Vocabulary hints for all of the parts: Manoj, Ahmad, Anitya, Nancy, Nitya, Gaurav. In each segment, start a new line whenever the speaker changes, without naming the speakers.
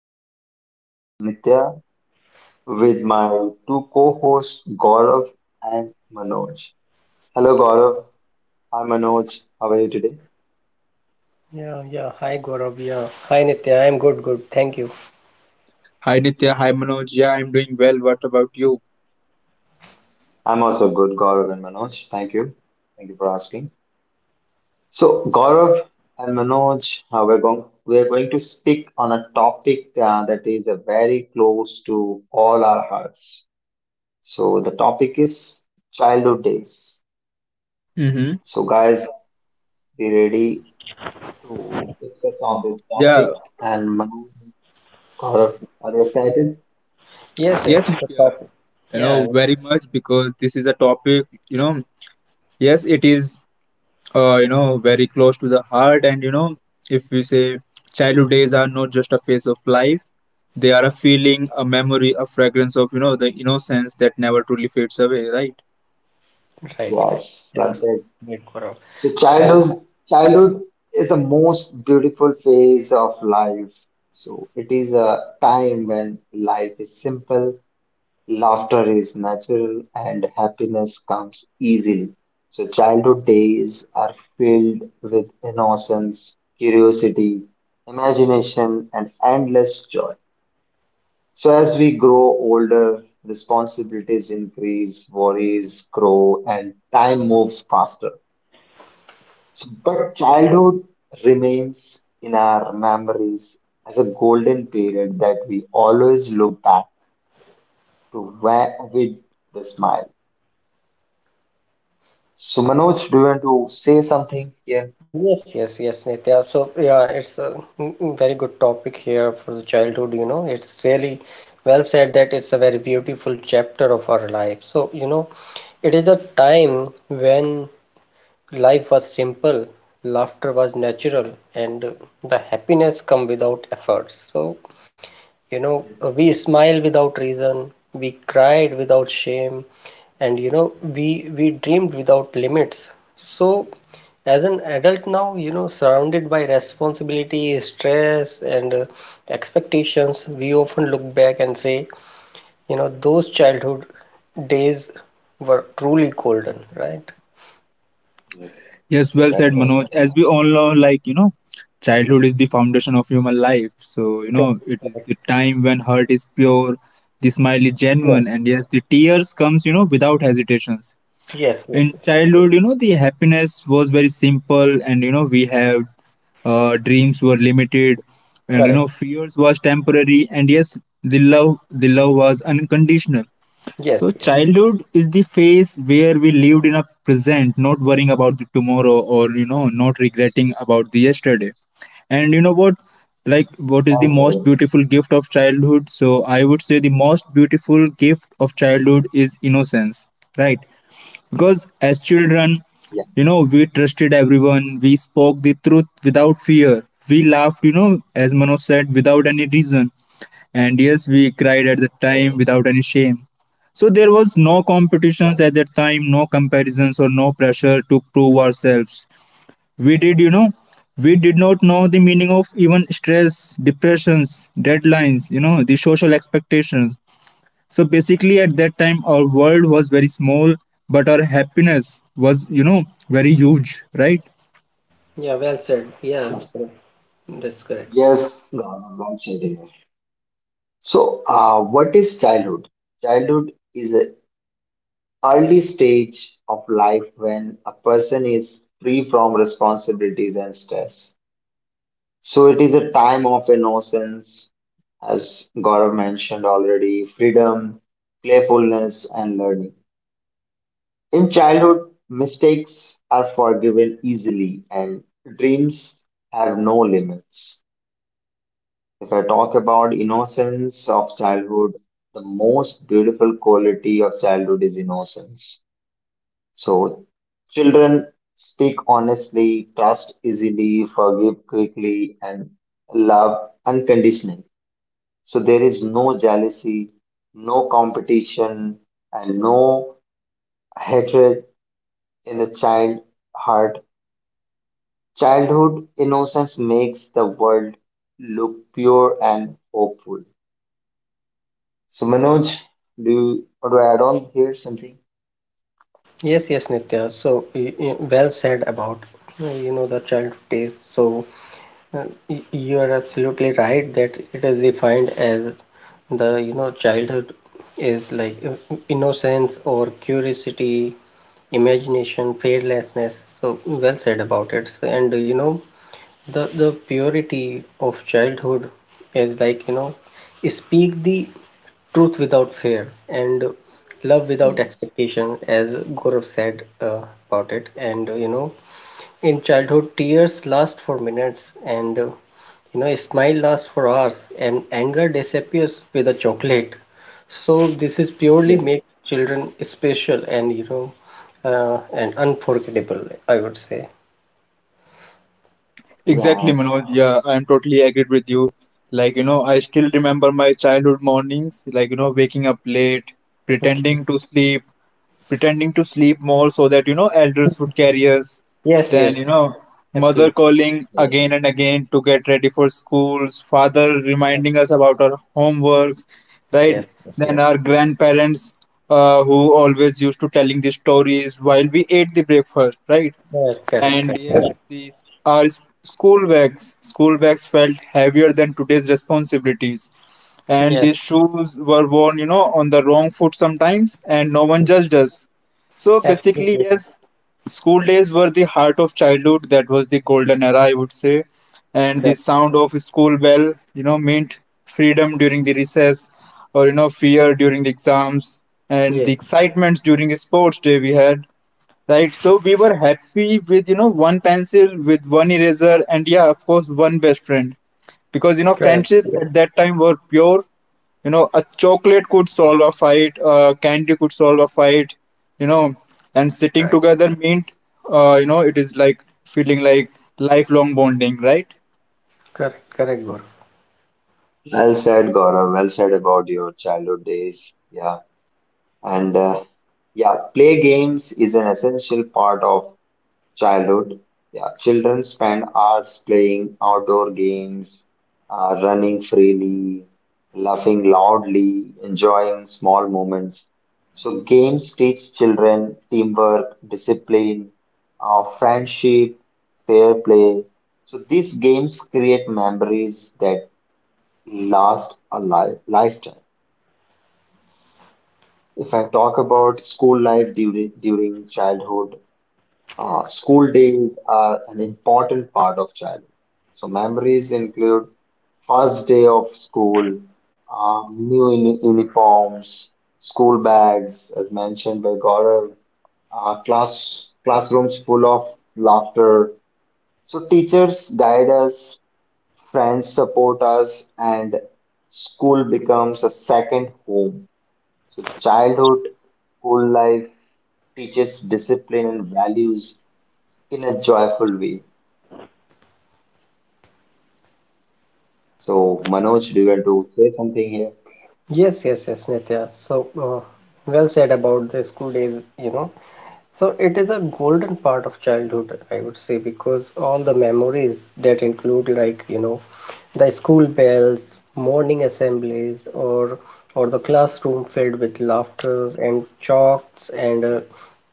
show. I'm your host Nitya with my two co-hosts Gaurav and Manoj. Hello Gaurav, hi Manoj, how are you today?
Yeah. Hi, Gaurav. Yeah. Hi, Nitya. I'm good. Thank you.
Hi Nitya, hi Manoj. Yeah, I'm doing well. What about you?
I'm also good, Gaurav and Manoj. Thank you for asking. So Gaurav and Manoj, we're going to speak on a topic that is very close to all our hearts. So the topic is childhood days.
Mm-hmm.
So guys, be ready to discuss on this
Yeah,
topic and my are, are you excited?
Yes,
yes,
yes. The
Nitya.
topic. Yeah,
Very much because this is a topic, yes, it is, very close to the heart. And, if we say childhood days are not just a phase of life, they are a feeling, a memory, a fragrance of, the innocence that never truly fades away, right?
right.
Yes,
Yeah.
that's it.
Great, Gaurav.
So
So, yeah.
childhood is the most beautiful phase of life. So it is a time when life is simple, laughter is natural, and happiness comes easily. So childhood days are filled with innocence, curiosity, imagination, and endless joy. So, as we grow older, responsibilities increase, worries grow, and time moves faster. So, but childhood remains in our memories as a golden period that we always look back to where with the smile. So, Manoj, do you want to say something here?
Yes, Nitya. So, yeah, it's a very good topic here for the childhood, you know. It's really well said that it's a very beautiful chapter of our life. So, you know, it is a time when life was simple, laughter was natural, and the happiness come without efforts. So, you know, we smile without reason, we cried without shame, and you know, we we dreamed without limits. So as an adult now, you know, surrounded by responsibility, stress, and expectations, we often look back and say, you know, those childhood days were truly golden, right?
Yes,
Yes, well said, Manoj.
well
As we all know, like, childhood is the foundation of human life. So,
Correct.
it is the
Correct.
time when heart is pure, the smile is genuine,
Yes,
and yes, the tears comes, without hesitations.
yes,
In
yes, yes.
childhood,
said.
the happiness was very simple and, we have dreams were limited and,
Correct.
fears was temporary and yes, the love was unconditional. So,
Yes.
childhood is the phase where we lived in a present, not worrying about the tomorrow or, not regretting about the yesterday. And you know what?
Well said.
Like, what is the most beautiful gift of childhood? So, I would say the most beautiful gift of childhood is innocence, right?
Yeah.
Because as children, we trusted everyone, we spoke the truth without fear, we laughed, as Manoj said, without any reason. And yes, we cried at
Yes.
the time without any shame. So there was no
Yes.
competitions at that time, no comparisons or no pressure to prove ourselves. We did, you know, we did not know the meaning of even stress, depressions, deadlines, the social expectations. So basically at that time our world was very small, but our happiness was, very huge, right?
Yeah, well said. Yeah.
Yes.
Correct. That's correct.
Yes, Gaurav, well said here. So, what is childhood? Childhood is a early stage of life when a person is free from responsibilities and stress. So it is a time of innocence, as Gaurav mentioned already, freedom, playfulness, and learning. In childhood, mistakes are forgiven easily and dreams have no limits. If I talk about innocence of childhood, the most beautiful quality of childhood is innocence. So children speak honestly, trust easily, forgive quickly, and love unconditionally. So there is no jealousy, no competition, and no hatred in the child heart. Childhood innocence makes the world look pure and hopeful. So Manoj, do you, or do I add on here something?
Yes, Nitya. So, well said about, you know, the childhood days. So, you are absolutely right that it is defined as the you know, childhood is like innocence, or curiosity, imagination, fearlessness. So well said about it. So, and you know, the purity of childhood is like, you know, speak the truth without fear, and love without expectation, as Gaurav said, uh, about it. And you know, in childhood, tears last for minutes, and you know, a smile lasts for hours, and anger disappears with a chocolate. So this is purely
Yeah.
makes children special, and you know, and unforgettable, I would say.
Exactly,
Yeah.
Manoj. Yeah, I'm totally agreed with you. Like, I still remember my childhood mornings, like, waking up late,
Okay.
pretending to sleep, pretending to sleep more so that, elders would carry us.
Yes.
Then,
Yes.
mother
Absolutely.
calling again and again to get ready for schools, father reminding us about our homework, right?
Yes. Yes.
Then
Yes.
our grandparents, who always used to telling the stories while we ate the breakfast, right?
Correct.
And yes,
Correct.
these school bags. School bags felt heavier than today's responsibilities. And
Yes.
these shoes were worn, on the wrong foot sometimes, and no one judged us. So basically,
Absolutely. Right.
yes, school days were the heart of childhood. That was the golden era, I would say. And the
Correct.
sound of school bell, meant freedom during the recess or, fear during the exams and the
Yes.
excitement during the sports day we had, right? So we were happy with, one pencil with one eraser and yeah, of course, one best friend, because,
Correct.
friendships at that time were pure. A chocolate could solve a fight, candy could solve a fight, you know and sitting
Correct.
together meant, it is like feeling like lifelong bonding, right?
Correct. Correct. Gaurav.
Well said, Gaurav. Well said about your childhood days. Yeah. And yeah, play games is an essential part of childhood. Yeah. Children spend hours playing outdoor games, running freely, laughing loudly, enjoying small moments. So, games teach children teamwork, discipline, friendship, fair play. So, these games create memories that last a lifetime. If I talk about school life during childhood, school days are an important part of childhood. So memories include first day of school, new uniforms, school bags, as mentioned by Gaurav, classrooms full of laughter. So teachers guide us, friends support us, and school becomes a second home. So childhood, school life teaches discipline and values in a joyful way. So Manoj, do you want to say something here?
Yes, Nitya. So, well said about the school days, you know. So, it is a golden part of childhood, I would say, because all the memories that include, like, you know, the school bells, morning assemblies, or the classroom filled with laughter and chalks, and uh,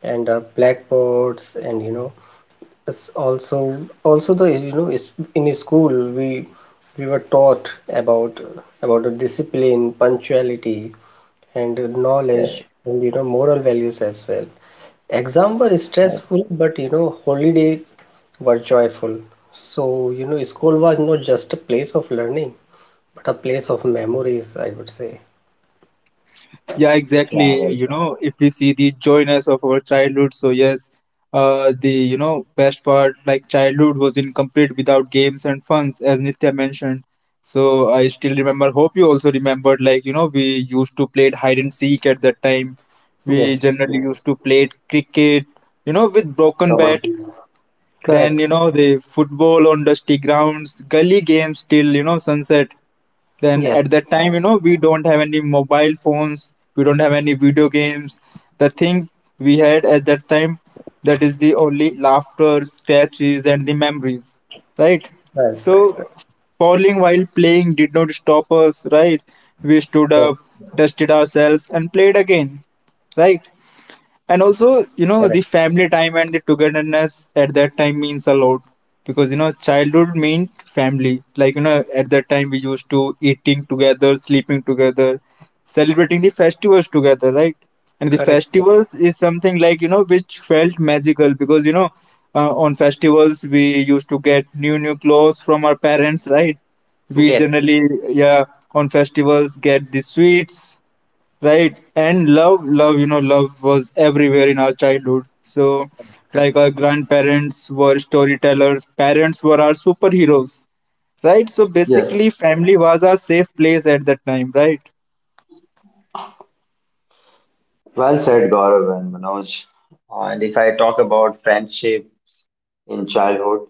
and uh, blackboards, and you know. It's also the, you know, is in school, we were taught about the discipline, punctuality, and
Yes.
knowledge, and you know, moral values as well. Exam were
Uh,
stressful, but you know, holidays were joyful. So you know, school was not just a place of learning, but a place of memories, I would say.
Yeah,
Yeah,
exactly.
well,
If we see the joyness of our childhood, so yes, the, best part like childhood was incomplete without games and funs, as Nitya mentioned. So I still remember. Hope you also remembered. Like, we used to play hide and seek at that time. We
Yes,
generally used to play cricket. You know, with broken
Robert.
bat. Then,
correct.
the football on dusty grounds, gully games till, sunset, then
Yes,
at that time,
Yes.
we don't have any mobile phones, we don't have any video games. The thing we had at that time, that is the only laughter sketches and the memories, right?
right,
So
right, right.
falling while playing did not stop us, right? We stood
Yes,
up, dusted ourselves and played again, right? And also, the
correct,
family time and the togetherness at that time means a lot, because, childhood meant family, like, at that time we used to eating together, sleeping together, celebrating the festivals together, right? And the
correct.
festivals is something like, which felt magical because, on festivals we used to get new clothes from our parents, right? We
Yes.
generally, yeah, on festivals get the sweets, right? And love, love, love was everywhere in our childhood. So like our grandparents were storytellers, parents were our superheroes, right? So
Yes.
basically family was our safe place at that time, right?
Well said, Gaurav and Manoj. And if I talk about friendships in childhood,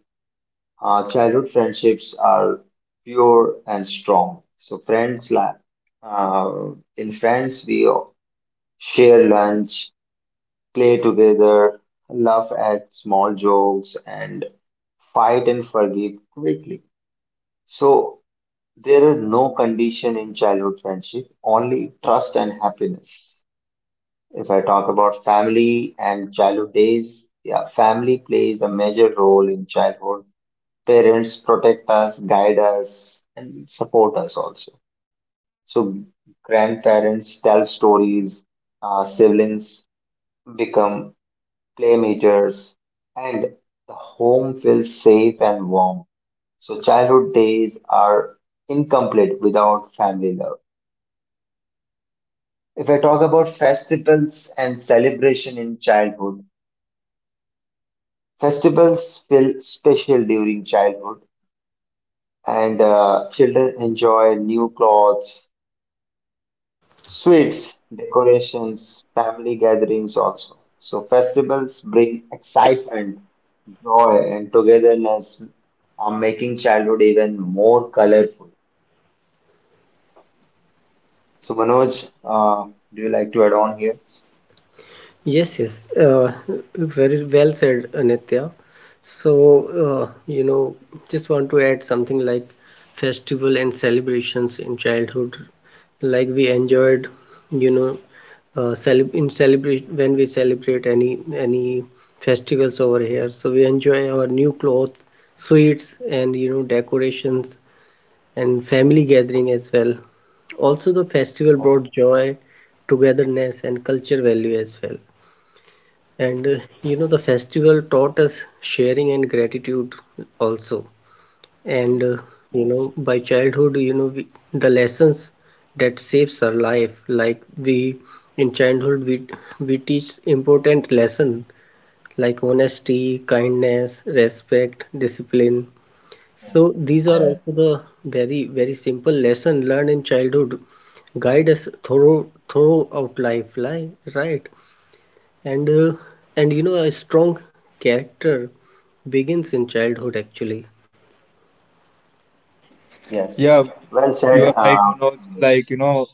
childhood friendships are pure and strong. So In friends, we share lunch, play together, laugh at small jokes, and fight and forgive quickly. So there are no condition in childhood friendship, only trust and happiness. If I talk about family and childhood days, yeah, family plays a major role in childhood. Parents protect us, guide us, and support us also. So grandparents tell stories, siblings become playmates, and the home feels safe and warm. So childhood days are incomplete without family love. If I talk about festivals and celebration in childhood, festivals feel special during childhood, and children enjoy new clothes, sweets, decorations, family gatherings also. So festivals bring excitement, joy, and togetherness, are making childhood even more colorful. So Manoj, do you like to add on here?
Yes. Very well said, Anitya. So, you know, just want to add something like festival and celebrations in childhood. Like we enjoyed, you know, cele- in celebrate when we celebrate any festivals over here. So we enjoy our new clothes, sweets, and you know, decorations, and family gathering as well. Also, the festival brought joy, togetherness, and culture value as well. And you know, the festival taught us sharing and gratitude also. And you know, by childhood, you know, the lessons that saves our life, like we in childhood, we teach important lesson like honesty, kindness, respect, discipline.
Okay.
So these are
Uh,
also the very simple lesson learned in childhood, guide us throughout life, right? And you know, a strong character begins in childhood actually.
yes.
Yeah.
Well
You
said.
are right, Manoj.
Manoj.
Like,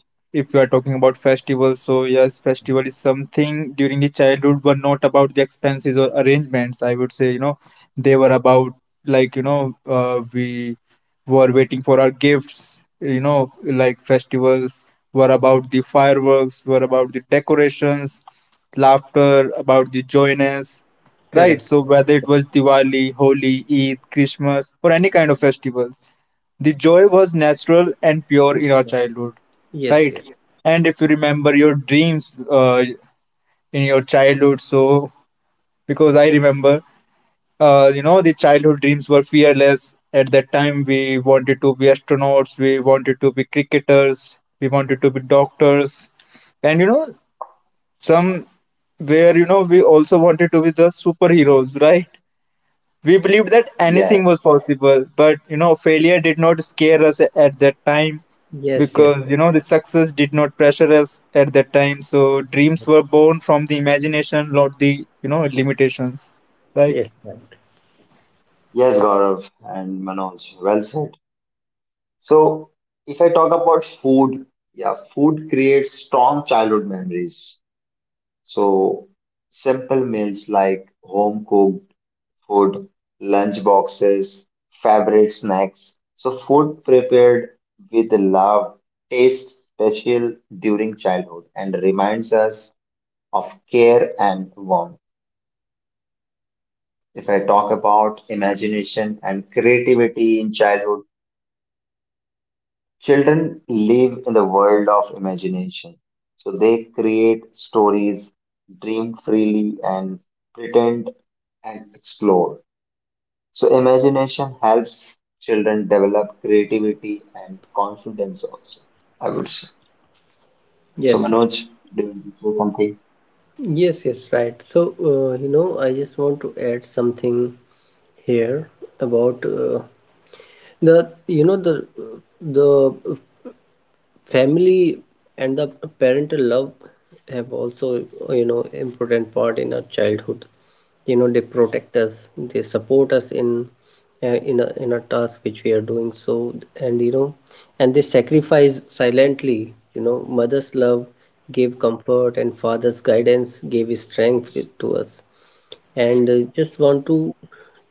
if you are talking about festivals, so yes, festival is something during the childhood were not about the expenses or arrangements. I would say, they were about, like, we were waiting for our gifts, like festivals were about the fireworks, were about the decorations, laughter, about the joyness, right?
Correct.
So whether it was Diwali, Holi, Eid, Christmas, or any kind of festivals, the joy was natural and pure in our childhood,
Yes
right? And if you remember your dreams, in your childhood, so because I remember, the childhood dreams were fearless at that time. We wanted to be astronauts, we wanted to be cricketers, we wanted to be doctors, and, some where we also wanted to be the superheroes, right? We believed that anything
Yeah.
was possible, but, failure did not at that time,
yes yes yes
because,
yes
the success did not pressure us at that time. So dreams were born from the imagination, not the, limitations, right?
yes, right.
Yes, Gaurav and Manoj. Well said. So if I talk about food, yeah, food creates strong childhood memories. So simple meals like home cooked food, lunch boxes, favorite snacks. So food prepared with love tastes special during childhood and reminds us of care and warmth. If I talk about imagination and creativity in childhood, children live in the world of imagination. So they create stories, dream freely, and pretend and explore. So imagination helps children develop creativity and confidence also, I would say. So
yes yes
Manoj, do you say something?
yes yes Right. So you know, I just want to add something here about the, you know, the family and the parental love have also, you know, important part in our childhood. You know, they protect us, they support us in a task which we are doing. So, and you know, and they sacrifice silently. You know, mother's love gave comfort, and father's guidance gave strength with, to us. And just want to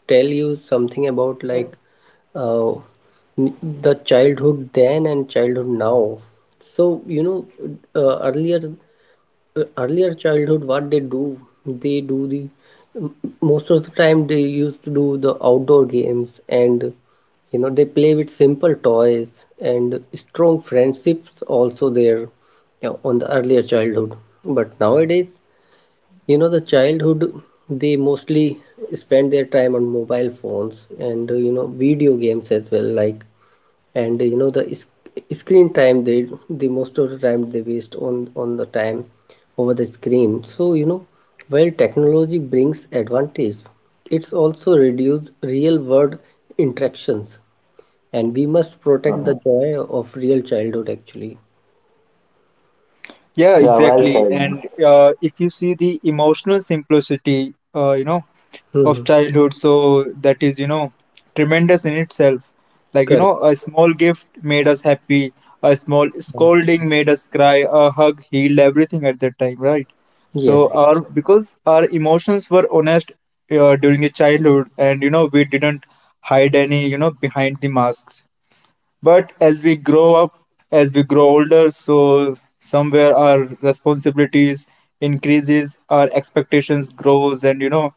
tell you something about like, uh, the childhood then and childhood now. So, you know, uh, earlier earlier childhood, what they do the, most of the time they used to do the outdoor games, and you know, they play with simple toys, and strong friendships also there, you know, on the earlier childhood. But nowadays, you know, the childhood, they mostly spend their time on mobile phones, and you know, video games as well. Like, and you know, the screen time, they most of the time they waste on the time over the screen. So you know, while technology brings advantage, it's also reduce real world interactions, and we must protect
Mhm.
the joy of real childhood actually.
Yeah,
Yeah, well
exactly.
said.
And if you see the emotional simplicity,
Hmm.
of childhood, so that is, tremendous in itself. Like,
Correct.
a small gift made us happy, a small scolding made us cry, a hug healed everything at that time, right?
Yes.
So our because our emotions were honest, during the childhood, and, we didn't hide any, behind the masks. But as we grow up, as we grow older, so somewhere our responsibilities increases, our expectations grows, and,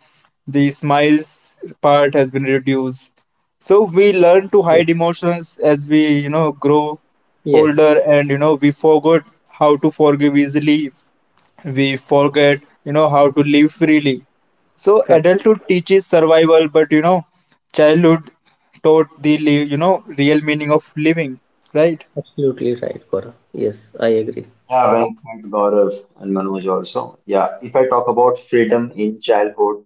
the smiles part has been reduced. So we learn to
Yes.
hide emotions as we, grow
Yes.
older, and, we forgot how to forgive easily, we forget, how to live freely. So adulthood teaches survival, but, childhood taught real meaning of living, right?
Absolutely right, Gaurav. Yes, I agree.
Yeah, well said, Gaurav and Manoj also. Yeah, if I talk about freedom in childhood,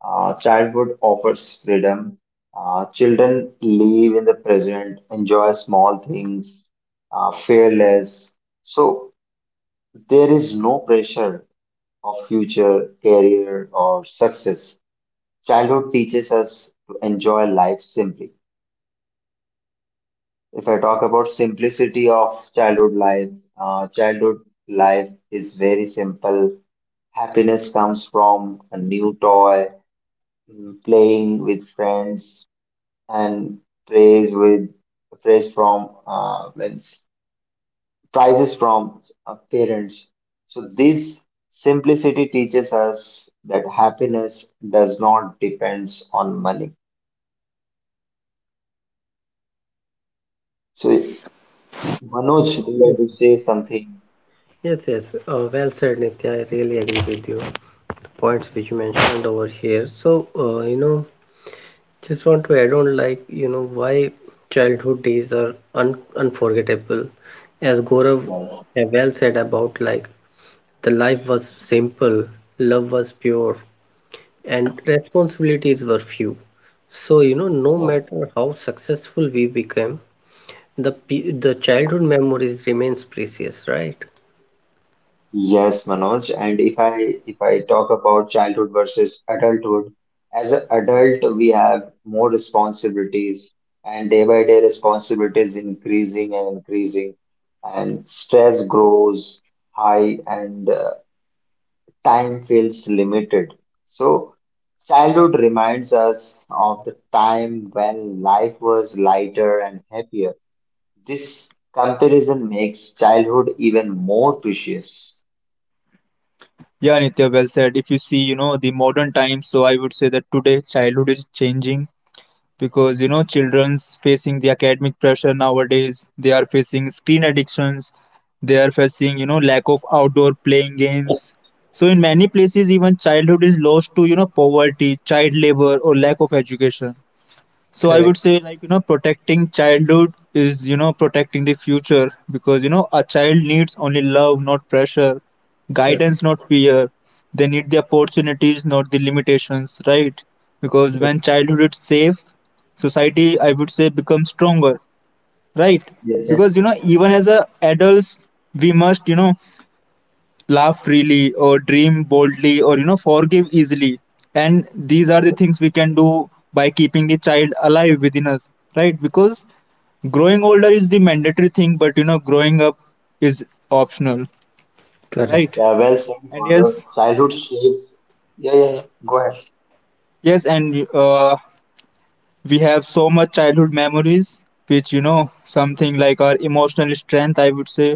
childhood offers freedom. Children live in the present, enjoy small things, fear less. So there is no pressure of future, career, or success. Childhood teaches us to enjoy life simply. If I talk about simplicity of childhood life is very simple. Happiness comes from a new toy, playing with friends, and praise with praise from means prizes from parents. So this simplicity teaches us that happiness does not depends on money. So Manoj, do you want
Yes,
to say something?
yes. Well said, Nitya. I really agree with you. The points which you mentioned over here. So, you know, just want to add on, like, you know, why childhood days are un unforgettable. As Gaurav
Yes.
well said about, like, the life was simple, love was pure, and responsibilities were few. So, you know, no matter how successful we became, the childhood memories remains precious, right?
Yes, Manoj. And if I talk about childhood versus adulthood, as an adult, we have more responsibilities, and day by day responsibilities increasing and increasing, and stress grows high, and time feels limited. So, childhood reminds us of the time when life was lighter and happier. This comparison makes childhood even more precious.
Yeah, Nitya, well said. If you see, the modern times, so I would say that today childhood is changing, because, children's facing the academic pressure nowadays, they are facing screen addictions, they are facing, lack of outdoor playing games. So in many places even childhood is lost to, poverty, child labor or lack of education. So I would
Correct,
say, like, protecting childhood is, protecting the future, because, a child needs only love, not pressure,
correct,
guidance not fear. They need the opportunities, not the limitations, right? Because
yes,
when childhood is safe, society, I would say, becomes stronger, right?
yes,
Because,
Yes.
even as a adults we must, laugh freely or dream boldly or, forgive easily, and these are the things we can do by keeping the child alive within us, right? Because growing older is the mandatory thing, but, growing up is optional,
correct.
right?
Yeah, well said,
And
Gaurav.
yes,
Childhood shapes. Yeah, yeah, yeah. Go ahead.
yes, and we have so much childhood memories which, something like our emotional strength, I would say,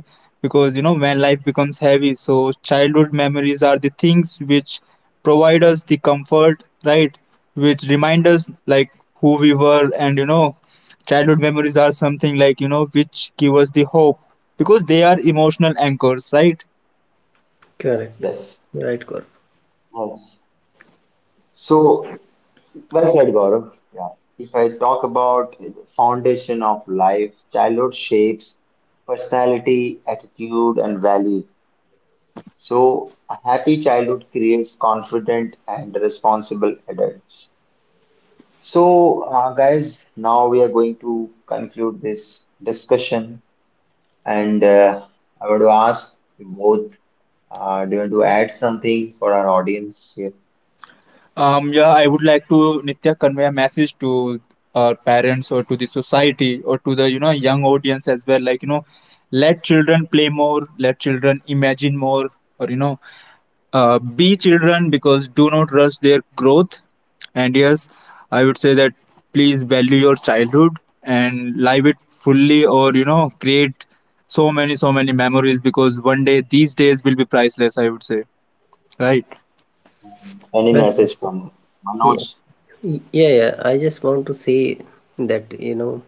because, when life becomes heavy, so childhood memories are the things which provide us the comfort, right? Which remind us like who we were, and, childhood memories are something like, which give us the hope, because they are emotional anchors, right?
Correct.
Yes,
Right, Gaurav.
yes. So, well said, Gaurav. Yeah. If I talk about foundation of life, childhood shapes personality, attitude, and value. So, a happy childhood creates confident and responsible adults. So, guys, now we are going to conclude this discussion. And I want to ask you both, do you want to add something for our audience here?
Yeah, I would like to, Nitya, convey a message to our parents or to the society or to the, young audience as well. Like, let children play more, let children imagine more, or, be children, because do not rush their growth. And yes, I would say that please value your childhood and live it fully, or, create so many memories, because one day these days will be priceless. I would say, right?
Any
Well said,
message
sir.
from Manoj?
Yeah. Yeah. I just want to say that, you know,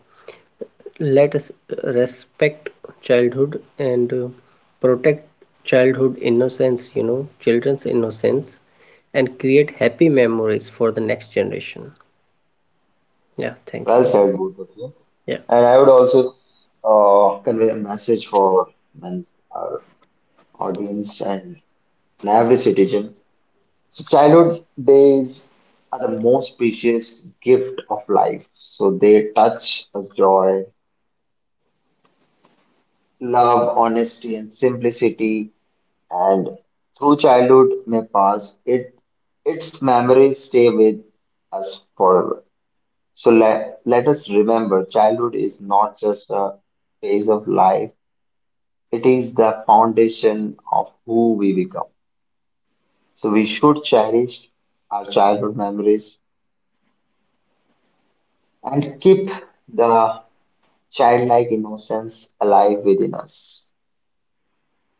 let us respect childhood, and protect childhood innocence, you know, children's innocence, and create happy memories for the next generation. Yeah, thank
Well
you.
said, both of you.
Yeah.
And I would also convey a message for Nancy, our audience and every citizen. So childhood days are the most precious gift of life. So they touch us joy, love, honesty, and simplicity and through childhood may pass, it its memories stay with us forever. So let us remember childhood is not just a phase of life, it is the foundation of who we become. So we should cherish our childhood memories and keep the childlike innocence alive within us.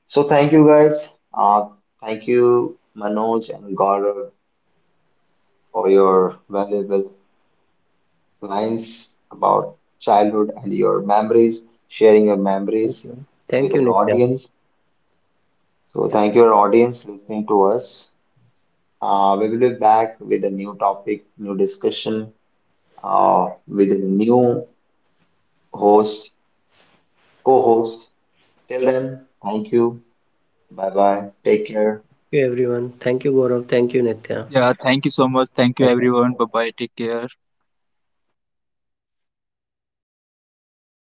So thank you guys. Thank you, Manoj and Gaurav, for your valuable lines about childhood and your memories, sharing your
Thank
memories
you. Thank
with
you,
an
Nitya.
audience. So,
Yeah.
thank you, our audience, listening to us. We will be back with a new topic, new discussion, with a new host, co host. Till then, thank you. Bye bye. Take care.
Thank you, everyone. Thank you, Gaurav. Thank you, Nitya.
Yeah, thank you so much. Thank you, everyone. Bye bye. Take care.